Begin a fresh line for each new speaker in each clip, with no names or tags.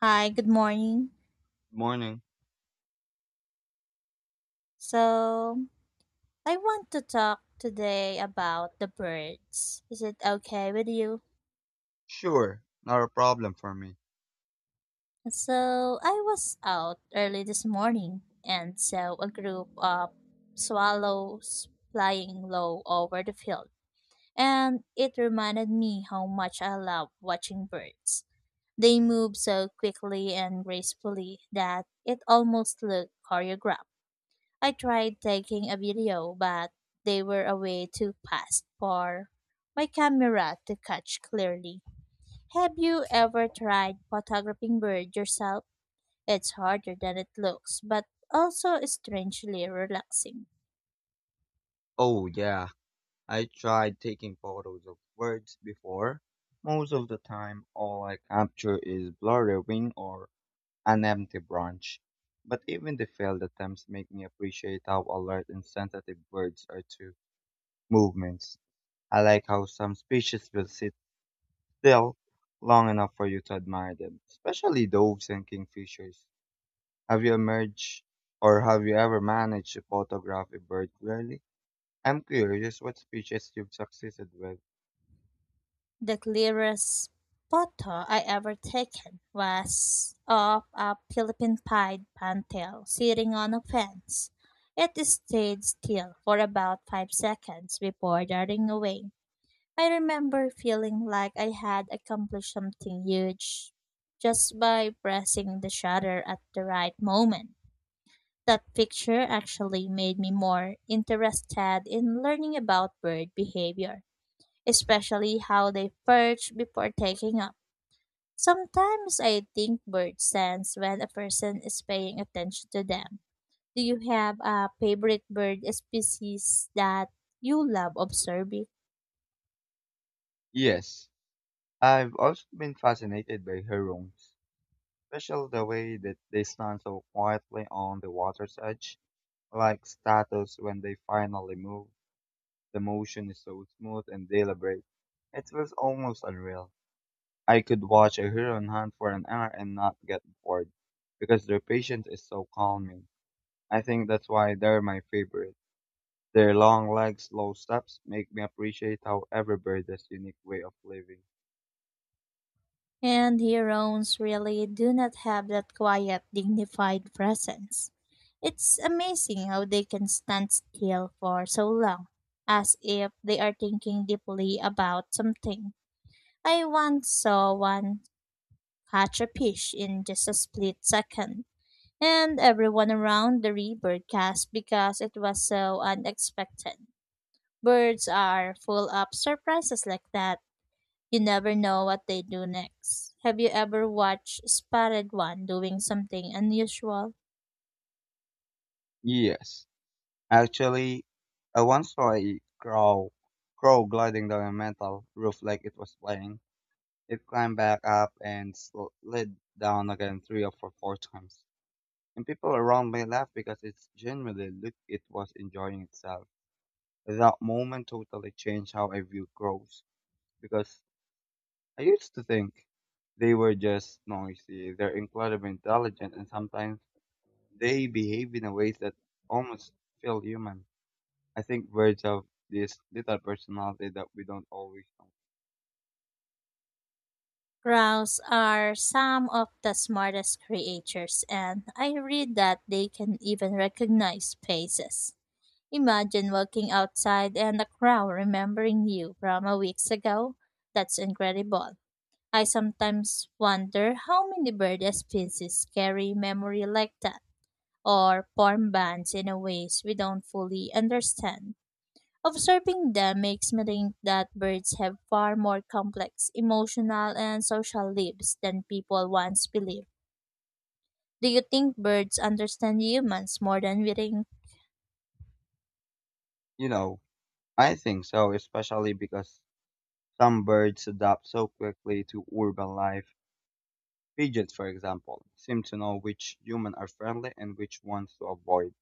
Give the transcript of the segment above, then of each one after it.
Hi, good morning.
Morning.
So, I want to talk today about the birds. Is it okay with you?
Sure, not a problem for me.
So, I was out early this morning and saw a group of swallows flying low over the field. And it reminded me how much I love watching birds. They move so quickly and gracefully that it almost looked choreographed. I tried taking a video, but they were away too fast for my camera to catch clearly. Have you ever tried photographing birds yourself? It's harder than it looks, but also strangely relaxing.
Oh, yeah, I tried taking photos of birds before. Most of the time, all I capture is blurry wing or an empty branch. But even the failed attempts make me appreciate how alert and sensitive birds are to movements. I like how some species will sit still long enough for you to admire them, especially doves and kingfishers. Have you emerged or have you ever managed to photograph a bird clearly? I'm curious what species you've succeeded with.
The clearest photo I ever taken was of a Philippine pied pantail sitting on a fence. It stayed still for about 5 seconds before darting away. I remember feeling like I had accomplished something huge just by pressing the shutter at the right moment. That picture actually made me more interested in learning about bird behavior, especially how they perch before taking up. Sometimes I think birds sense when a person is paying attention to them. Do you have a favorite bird species that you love observing?
Yes, I've also been fascinated by herons, especially the way that they stand so quietly on the water's edge, like statues when they finally move. The motion is so smooth and deliberate. It feels almost unreal. I could watch a heron hunt for an hour and not get bored because their patience is so calming. I think that's why they're my favorite. Their long legs, slow steps make me appreciate how every bird has unique way of living.
And heroines really do not have that quiet, dignified presence. It's amazing how they can stand still for so long, as if they are thinking deeply about something. I once saw one catch a fish in just a split second, and everyone around the river gasped because it was so unexpected. Birds are full of surprises like that. You never know what they do next. Have you ever watched Spotted One doing something unusual?
Yes, actually, I once saw a crow gliding down a metal roof like it was playing. It climbed back up and slid down again three or four times. And people around me laughed because it genuinely looked it was enjoying itself. That moment totally changed how I view crows because I used to think they were just noisy. They're incredibly intelligent and sometimes they behave in a ways that almost feel human. I think birds have this little personality that we don't always know.
Crows are some of the smartest creatures, and I read that they can even recognize faces. Imagine walking outside and a crow remembering you from a weeks ago. That's incredible. I sometimes wonder how many bird species carry memory like that or form bands in a ways we don't fully understand. Observing them makes me think that birds have far more complex emotional and social lives than people once believed. Do you think birds understand humans more than we think?
You know, I think so, especially because some birds adapt so quickly to urban life. Pigeons, for example, seem to know which humans are friendly and which ones to avoid.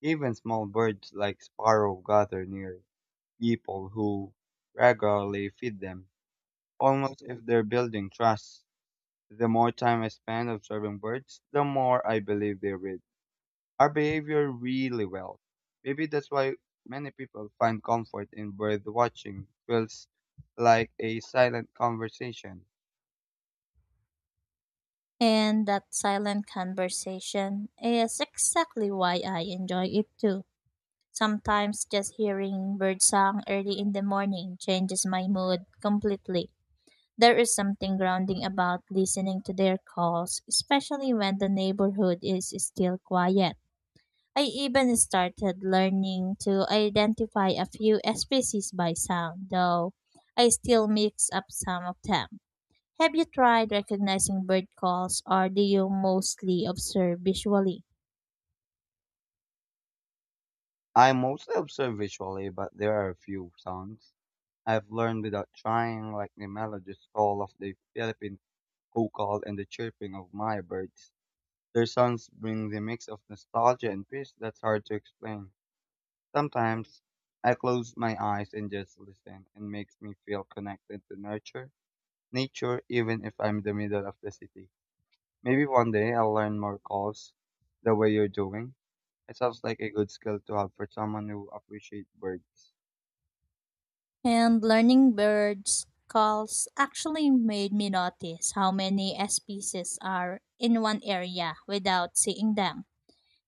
Even small birds like sparrow gather near people who regularly feed them almost if they're building trust. The more time I spend observing birds, the more I believe they read our behavior really well. Maybe that's why many people find comfort in bird watching. Feels like a silent conversation.
And that silent conversation is exactly why I enjoy it too. Sometimes just hearing birdsong early in the morning changes my mood completely. There is something grounding about listening to their calls, especially when the neighborhood is still quiet. I even started learning to identify a few species by sound, though I still mix up some of them. Have you tried recognizing bird calls, or do you mostly observe visually?
I mostly observe visually, but there are a few sounds I've learned without trying, like the melodious call of the Philippine hukal and the chirping of my birds. Their sounds bring the mix of nostalgia and peace that's hard to explain. Sometimes I close my eyes and just listen and makes me feel connected to nature even if I'm in the middle of the city. Maybe one day I'll learn more calls the way you're doing. It sounds like a good skill to have for someone who appreciates birds.
And learning birds calls actually made me notice how many species are in one area without seeing them.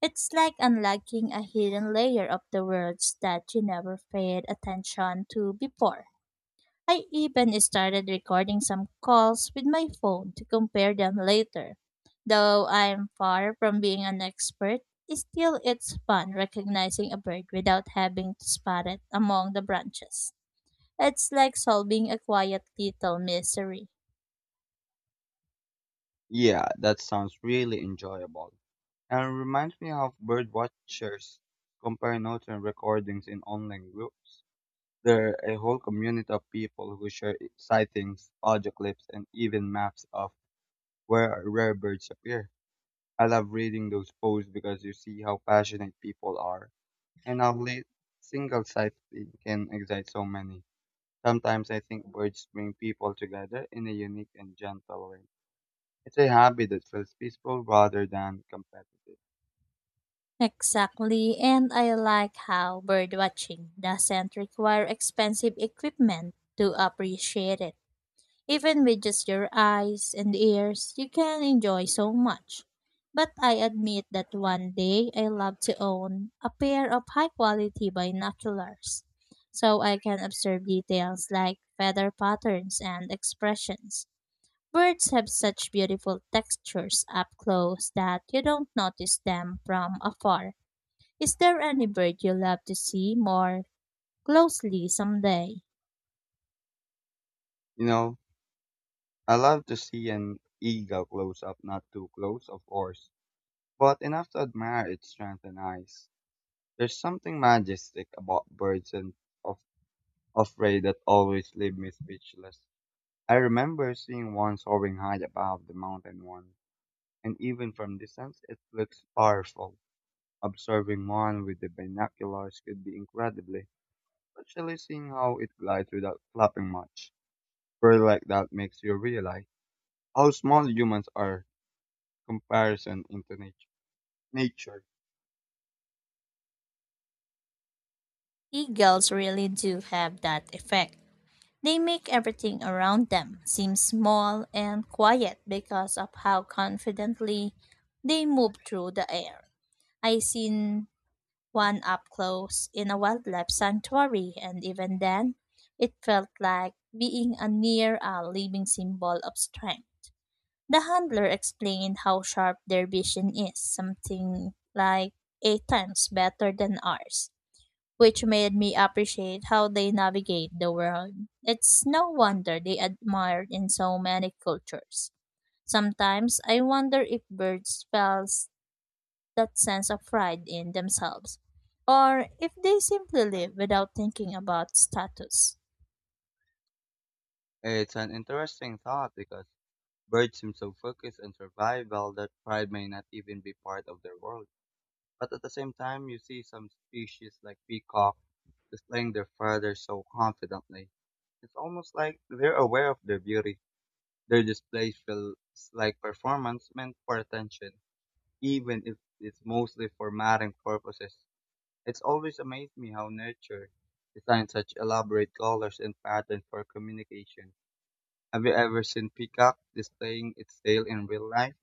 It's like unlocking a hidden layer of the words that you never paid attention to before. I even started recording some calls with my phone to compare them later. Though I'm far from being an expert, still it's fun recognizing a bird without having to spot it among the branches. It's like solving a quiet little mystery.
Yeah, that sounds really enjoyable. And it reminds me of bird watchers compare notes and recordings in online groups. There are a whole community of people who share sightings, audio clips, and even maps of where rare birds appear. I love reading those posts because you see how passionate people are and how late single sighting can excite so many. Sometimes I think birds bring people together in a unique and gentle way. It's a hobby that feels peaceful rather than competitive.
Exactly, and I like how birdwatching doesn't require expensive equipment to appreciate it. Even with just your eyes and ears, you can enjoy so much. But I admit that one day I love to own a pair of high quality binoculars so I can observe details like feather patterns and expressions. Birds have such beautiful textures up close that you don't notice them from afar. Is there any bird you love to see more closely someday?
You know, I love to see an eagle close up, not too close, of course, but enough to admire its strength and eyes. There's something majestic about birds and of of prey that always leave me speechless. I remember seeing one soaring high above the mountain one, and even from distance it looks powerful. Observing one with the binoculars could be incredibly, especially seeing how it glides without flapping much. Bird like that makes you realize how small humans are comparison into nature.
Eagles really do have that effect. They make everything around them seem small and quiet because of how confidently they move through the air. I seen one up close in a wildlife sanctuary, and even then it felt like being a near a living symbol of strength. The handler explained how sharp their vision is, something like eight times better than ours, which made me appreciate how they navigate the world. It's no wonder they admired in so many cultures. Sometimes I wonder if birds felt that sense of pride in themselves, or if they simply live without thinking about status.
It's an interesting thought because birds seem so focused on survival that pride may not even be part of their world. But at the same time, you see some species like peacock displaying their feathers so confidently. It's almost like they're aware of their beauty. Their display feels like performance meant for attention, even if it's mostly for mating purposes. It's always amazed me how nature designs such elaborate colors and patterns for communication. Have you ever seen peacock displaying its tail in real life?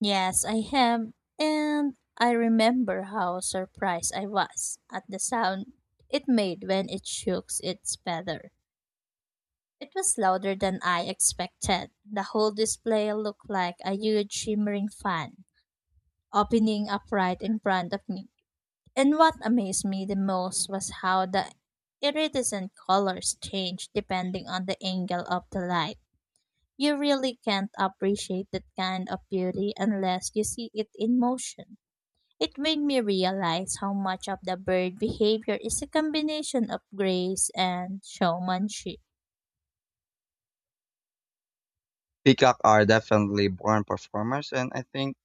Yes, I have, and I remember how surprised I was at the sound it made when it shook its feather. It was louder than I expected. The whole display looked like a huge shimmering fan, opening up right in front of me. And what amazed me the most was how the iridescent colors change depending on the angle of the light. You really can't appreciate that kind of beauty unless you see it in motion. It made me realize how much of the bird behavior is a combination of grace and showmanship.
Peacock are definitely born performers, and I think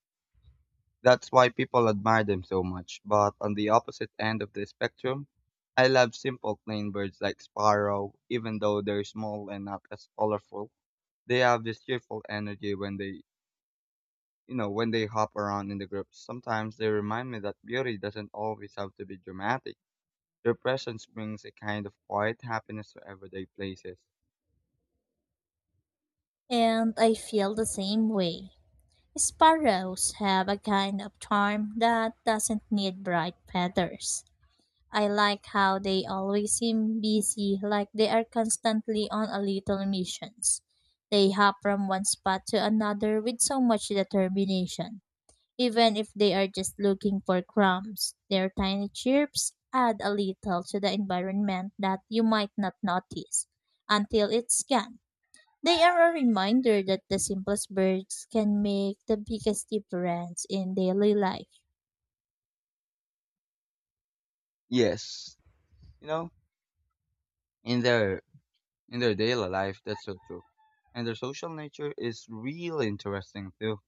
that's why people admire them so much. But on the opposite end of the spectrum, I love simple plain birds like sparrow, even though they're small and not as colorful. They have this cheerful energy when they hop around in the groups. Sometimes they remind me that beauty doesn't always have to be dramatic. Their presence brings a kind of quiet happiness to everyday places.
And I feel the same way. Sparrows have a kind of charm that doesn't need bright feathers. I like how they always seem busy, like they are constantly on a little missions. They hop from one spot to another with so much determination. Even if they are just looking for crumbs, their tiny chirps add a little to the environment that you might not notice until it's gone. They are a reminder that the simplest birds can make the biggest difference in daily life.
Yes, you know, in their in their daily life, that's so true. And their social nature is really interesting too.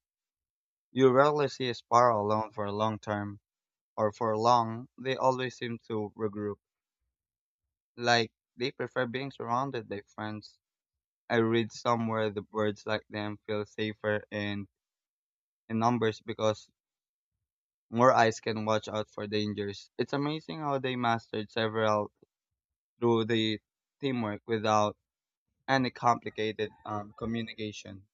You rarely see a Sparrow alone for a long term, or for long, they always seem to regroup. Like, they prefer being surrounded by friends. I read somewhere the birds like them feel safer in numbers because more eyes can watch out for dangers. It's amazing how they mastered several through the teamwork without any complicated communication.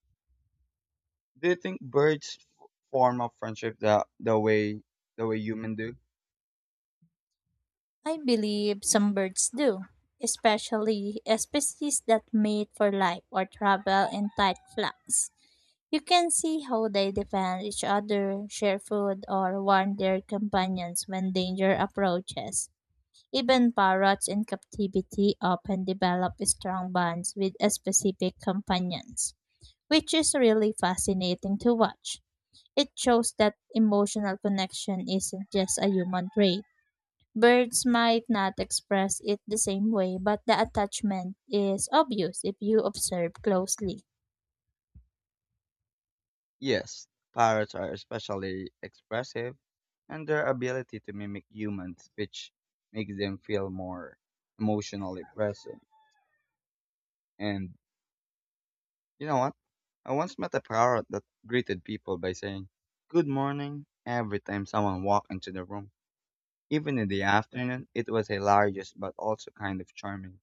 Do you think birds form a friendship the way humans do?
I believe some birds do, especially species that mate for life or travel in tight flocks. You can see how they defend each other, share food, or warn their companions when danger approaches. Even parrots in captivity often develop strong bonds with specific companions, which is really fascinating to watch. It shows that emotional connection isn't just a human trait. Birds might not express it the same way, but the attachment is obvious if you observe closely.
Yes, parrots are especially expressive, and their ability to mimic human speech makes them feel more emotionally present. And you know what? I once met a parrot that greeted people by saying, "Good morning," every time someone walked into the room. Even in the afternoon, it was hilarious but also kind of charming.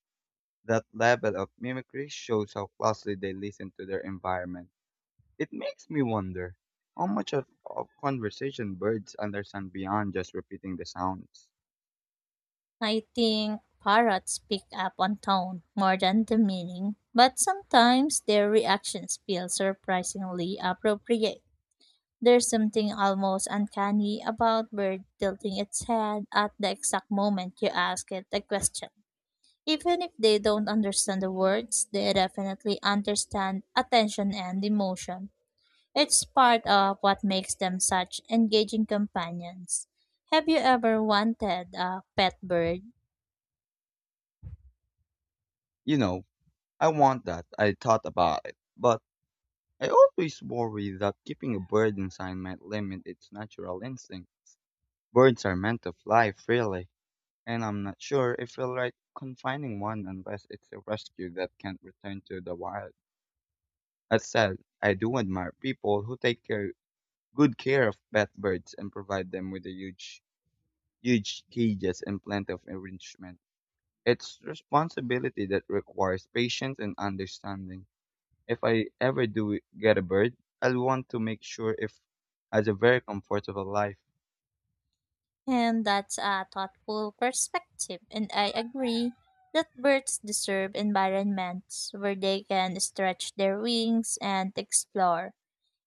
That level of mimicry shows how closely they listen to their environment. It makes me wonder how much of conversation birds understand beyond just repeating the sounds.
I think parrots pick up on tone more than the meaning, but sometimes their reactions feel surprisingly appropriate. There's something almost uncanny about bird tilting its head at the exact moment you ask it a question. Even if they don't understand the words, they definitely understand attention and emotion. It's part of what makes them such engaging companions. Have you ever wanted a pet bird?
You know, I want that. I thought about it. But I always worry that keeping a bird inside might limit its natural instincts. Birds are meant to fly freely, and I'm not sure if I feel like confining one unless it's a rescue that can't return to the wild. That said, I do admire people who take care, good care of pet birds and provide them with a huge cages, and plenty of enrichment. It's responsibility that requires patience and understanding. If I ever do get a bird, I'll want to make sure it has a very comfortable life.
And that's a thoughtful perspective, and I agree that birds deserve environments where they can stretch their wings and explore.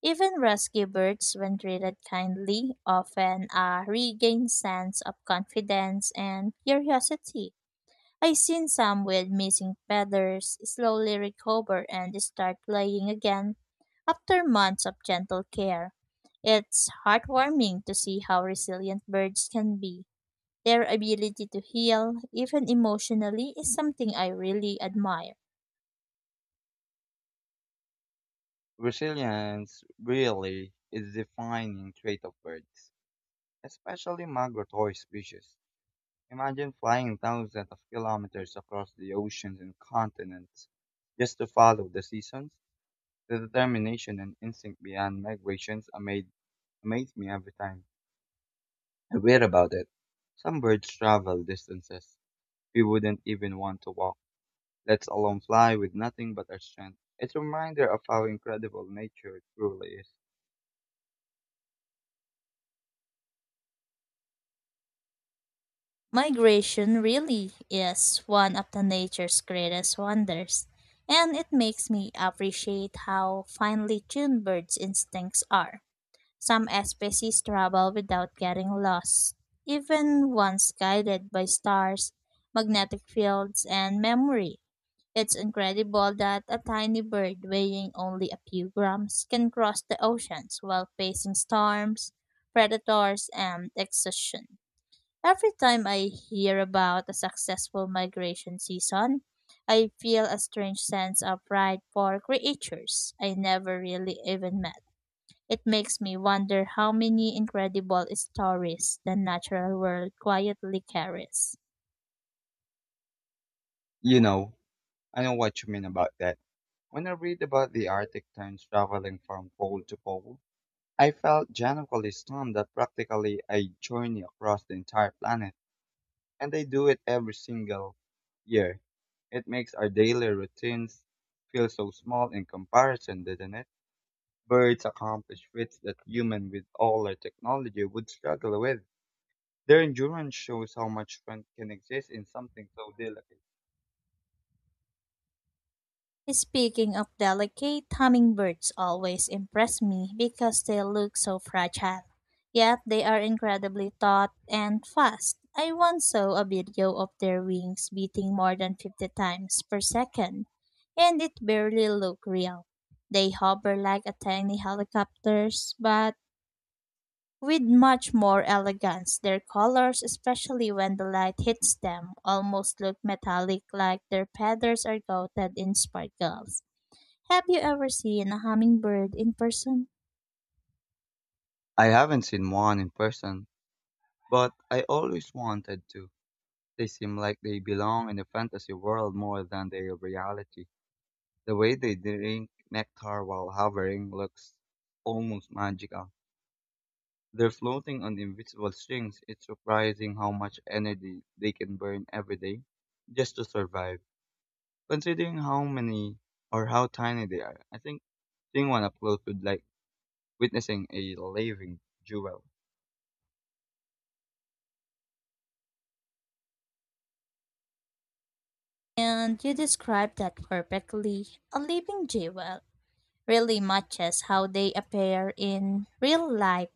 Even rescue birds, when treated kindly, often regain sense of confidence and curiosity. I've seen some with missing feathers slowly recover and start playing again after months of gentle care. It's heartwarming to see how resilient birds can be. Their ability to heal, even emotionally, is something I really admire.
Resilience really is a defining trait of birds, especially migratory species. Imagine flying thousands of kilometers across the oceans and continents just to follow the seasons. The determination and instinct behind migrations amaze me every time I read about it. Some birds travel distances we wouldn't even want to walk, let alone fly with nothing but our strength. It's a reminder of how incredible nature truly is.
Migration really is one of the nature's greatest wonders, and it makes me appreciate how finely tuned birds' instincts are. Some species travel without getting lost, even once guided by stars, magnetic fields, and memory. It's incredible that a tiny bird weighing only a few grams can cross the oceans while facing storms, predators, and exhaustion. Every time I hear about a successful migration season, I feel a strange sense of pride for creatures I never really even met. It makes me wonder how many incredible stories the natural world quietly carries.
You know, I know what you mean about that. When I read about the Arctic terns traveling from pole to pole, I felt genuinely stunned that practically a journey across the entire planet, and they do it every single year. It makes our daily routines feel so small in comparison, doesn't it? Birds accomplish feats that humans with all their technology would struggle with. Their endurance shows how much strength can exist in something so delicate.
Speaking of delicate, hummingbirds always impress me because they look so fragile. Yet they are incredibly taut and fast. I once saw a video of their wings beating more than 50 times per second, and it barely looked real. They hover like a tiny helicopters, but with much more elegance. Their colors, especially when the light hits them, almost look metallic, like their feathers are coated in sparkles. Have you ever seen a hummingbird in person?
I haven't seen one in person, but I always wanted to. They seem like they belong in a fantasy world more than their reality. The way they drink nectar while hovering looks almost magical. They're floating on invisible strings. It's surprising how much energy they can burn every day just to survive. Considering how many or how tiny they are, I think seeing one up close would like witnessing a living jewel.
And you described that perfectly. A living jewel really matches how they appear in real life.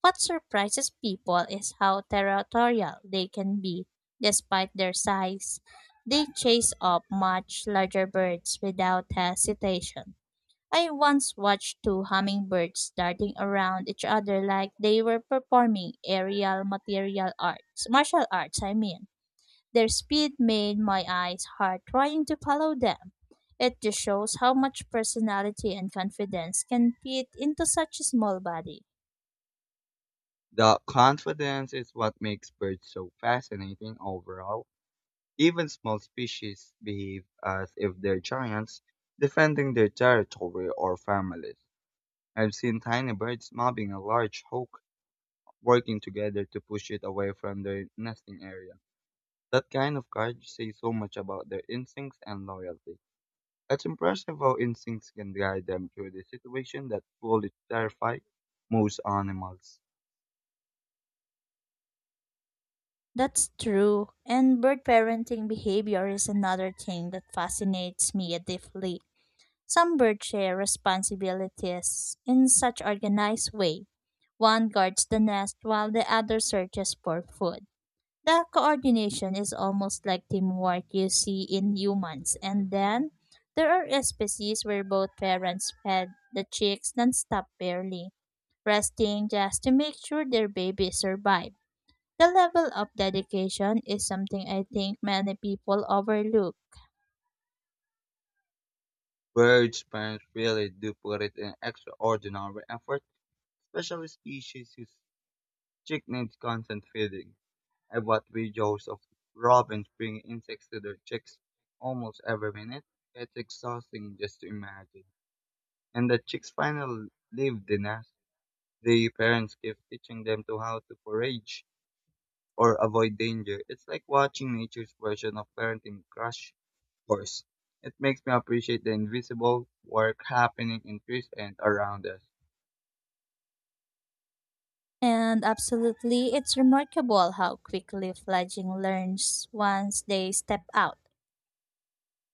What surprises people is how territorial they can be, despite their size. They chase up much larger birds without hesitation. I once watched two hummingbirds darting around each other like they were performing aerial martial arts, I mean. Their speed made my eyes hard trying to follow them. It just shows how much personality and confidence can fit into such a small body.
The confidence is what makes birds so fascinating overall. Even small species behave as if they're giants defending their territory or families. I've seen tiny birds mobbing a large hawk working together to push it away from their nesting area. That kind of courage says so much about their instincts and loyalty. It's impressive how instincts can guide them through the situation that fully terrify most animals.
That's true. And bird parenting behavior is another thing that fascinates me deeply. Some birds share responsibilities in such organized way. One guards the nest while the other searches for food. The coordination is almost like teamwork you see in humans. And then there are species where both parents fed the chicks nonstop barely, resting just to make sure their babies survive. The level of dedication is something I think many people overlook.
Birds' parents really do put it in extraordinary effort, especially species whose chick needs constant feeding. I watch videos of robins bringing insects to their chicks almost every minute. It's exhausting just to imagine. And the chicks finally leave the nest. The parents keep teaching them to how to forage or avoid danger. It's like watching nature's version of parenting crash course. It makes me appreciate the invisible work happening in trees and around us.
And absolutely, it's remarkable how quickly fledgling learns once they step out.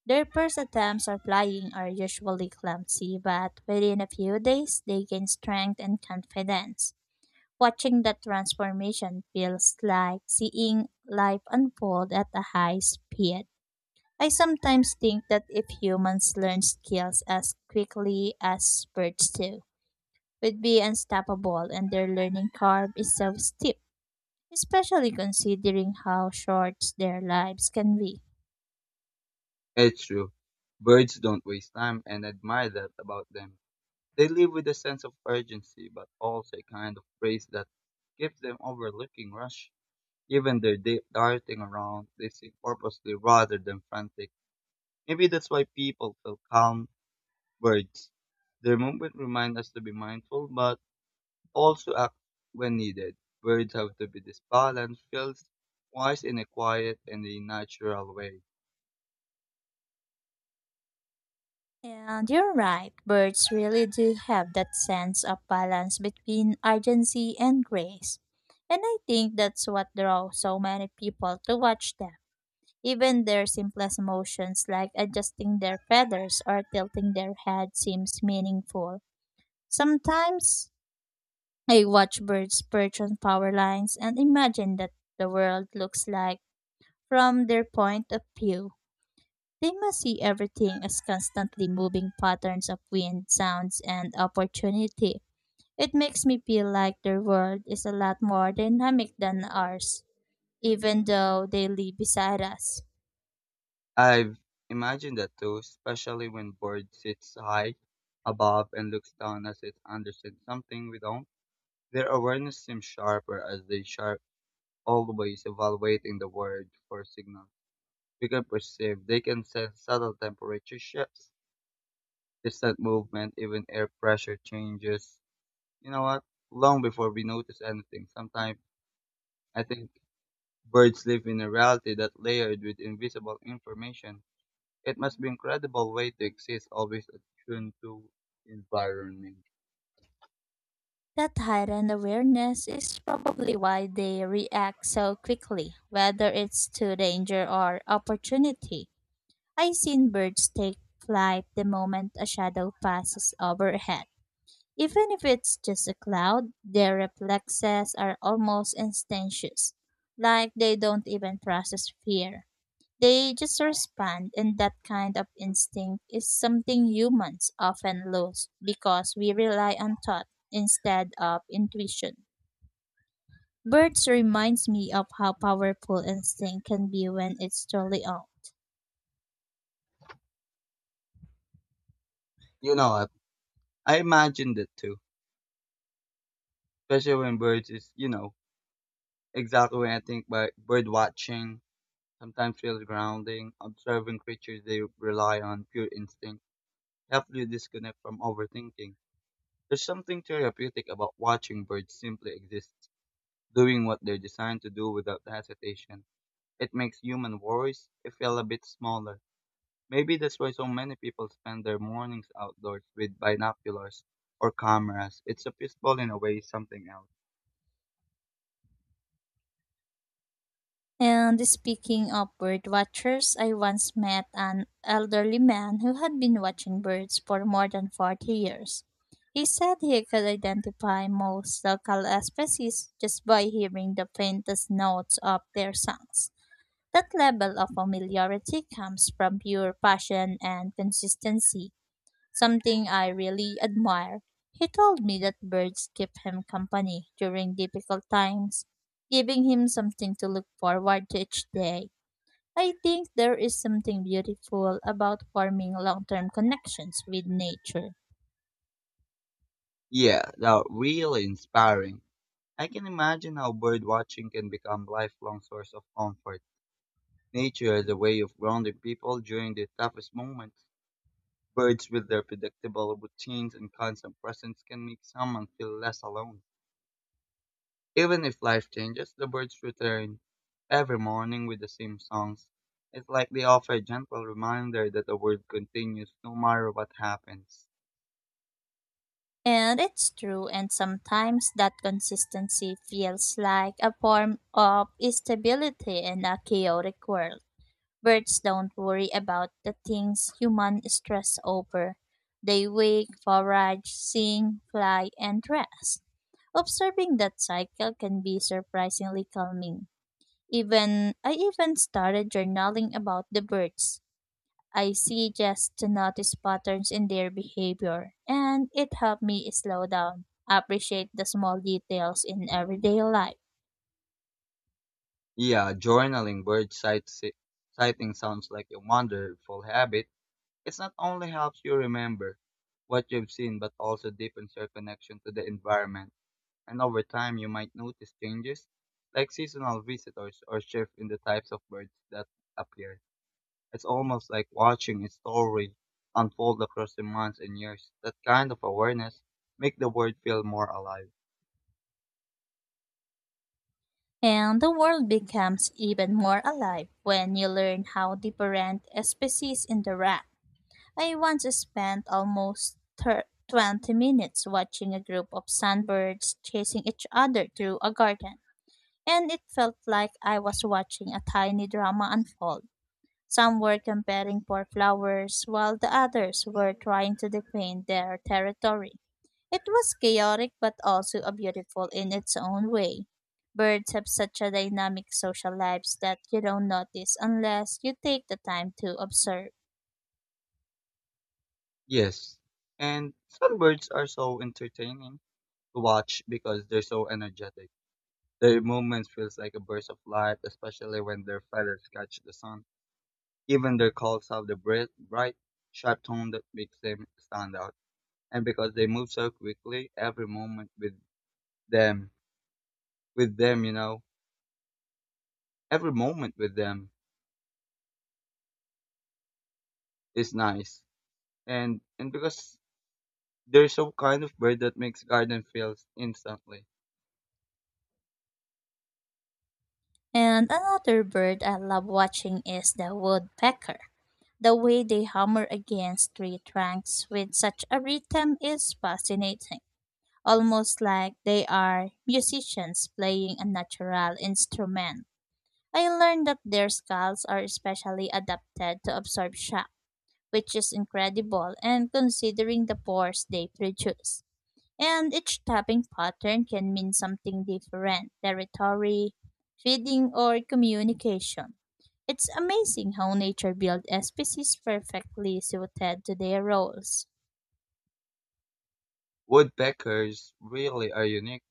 Their first attempts at flying are usually clumsy, but within a few days they gain strength and confidence. Watching that transformation feels like seeing life unfold at a high speed. I sometimes think that if humans learn skills as quickly as birds do, we'd be unstoppable, and their learning curve is so steep, especially considering how short their lives can be.
It's true. Birds don't waste time and I admire that about them. They live with a sense of urgency but also a kind of grace that keeps them overlooking rush. Even their darting around, they seem purposely rather than frantic. Maybe that's why people feel calm birds. Their movement remind us to be mindful but also act when needed. Birds have to be this balance feels wise in a quiet and a natural way.
And you're right, birds really do have that sense of balance between urgency and grace. And I think that's what draws so many people to watch them. Even their simplest motions like adjusting their feathers or tilting their head seems meaningful. Sometimes I watch birds perch on power lines and imagine that the world looks like from their point of view. They must see everything as constantly moving patterns of wind, sounds, and opportunity. It makes me feel like their world is a lot more dynamic than ours, even though they live beside us.
I've imagined that too, especially when bird sits high above and looks down as it understands something we don't. Their awareness seems sharper as they sharp always evaluating the world for signal. We can perceive they can sense subtle temperature shifts, distant movement, even air pressure changes. You know what? Long before we notice anything. Sometimes I think birds live in a reality that layered with invisible information. It must be incredible way to exist, always attuned to environment.
That heightened awareness is probably why they react so quickly, whether it's to danger or opportunity. I've seen birds take flight the moment a shadow passes overhead. Even if it's just a cloud, their reflexes are almost instantaneous, like they don't even process fear. They just respond, and that kind of instinct is something humans often lose because we rely on thought instead of intuition. Birds reminds me of how powerful instinct can be when it's truly owned.
You know what? I imagined it too. Especially when birds is, exactly when I think by bird watching sometimes feels grounding, observing creatures they rely on pure instinct, help you disconnect from overthinking. There's something therapeutic about watching birds simply exist, doing what they're designed to do without hesitation. It makes human worries feel a bit smaller. Maybe that's why so many people spend their mornings outdoors with binoculars or cameras. It's a peaceful in a way something else.
And speaking of bird watchers, I once met an elderly man who had been watching birds for more than 40 years. He said he could identify most local species just by hearing the faintest notes of their songs. That level of familiarity comes from pure passion and consistency, something I really admire. He told me that birds keep him company during difficult times, giving him something to look forward to each day. I think there is something beautiful about forming long term connections with nature.
Yeah, that really inspiring. I can imagine how bird watching can become lifelong source of comfort. Nature is a way of grounding people during the toughest moments. Birds with their predictable routines and constant presence can make someone feel less alone. Even if life changes, the birds return every morning with the same songs. It's like they offer a gentle reminder that the world continues no matter what happens.
And it's true, and sometimes that consistency feels like a form of stability in a chaotic world. Birds don't worry about the things humans stress over. They wake, forage, sing, fly, and rest. Observing that cycle can be surprisingly calming. Even I even started journaling about the birds I see, just to notice patterns in their behavior, and it helped me slow down, appreciate the small details in everyday life.
Yeah, journaling bird sighting sounds like a wonderful habit. It not only helps you remember what you've seen, but also deepens your connection to the environment. And over time you might notice changes, like seasonal visitors or shift in the types of birds that appear. It's almost like watching a story unfold across the months and years. That kind of awareness make the world feel more alive.
And the world becomes even more alive when you learn how different species interact. I once spent almost 20 minutes watching a group of sunbirds chasing each other through a garden, and it felt like I was watching a tiny drama unfold. Some were competing for flowers, while the others were trying to defend their territory. It was chaotic but also a beautiful in its own way. Birds have such a dynamic social lives that you don't notice unless you take the time to observe.
Yes, and some birds are so entertaining to watch because they're so energetic. Their movements feels like a burst of light, especially when their feathers catch the sun. Even their calls have the sharp tone that makes them stand out. And because they move so quickly, every moment them, with them, you know, every moment with them is nice, and because they're so kind of bird that makes garden feels instantly.
And another bird I love watching is the woodpecker. The way they hammer against tree trunks with such a rhythm is fascinating, almost like they are musicians playing a natural instrument. I learned that their skulls are especially adapted to absorb shock, which is incredible and considering the pores they produce. And each tapping pattern can mean something different: territory, feeding, or communication. It's amazing how nature built species perfectly suited to their roles.
Woodpeckers really are unique,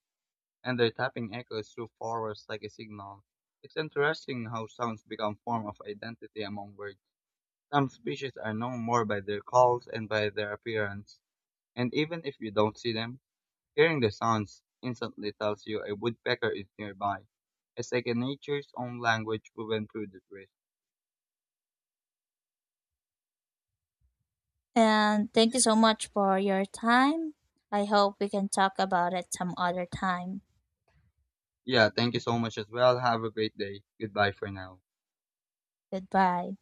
and their tapping echoes through forests like a signal. It's interesting how sounds become form of identity among birds. Some species are known more by their calls and by their appearance, and even if you don't see them, hearing the sounds instantly tells you a woodpecker is nearby. It's like a nature's own language woven through the trees.
And thank you so much for your time. I hope we can talk about it some other time.
Yeah, thank you so much as well. Have a great day. Goodbye for now.
Goodbye.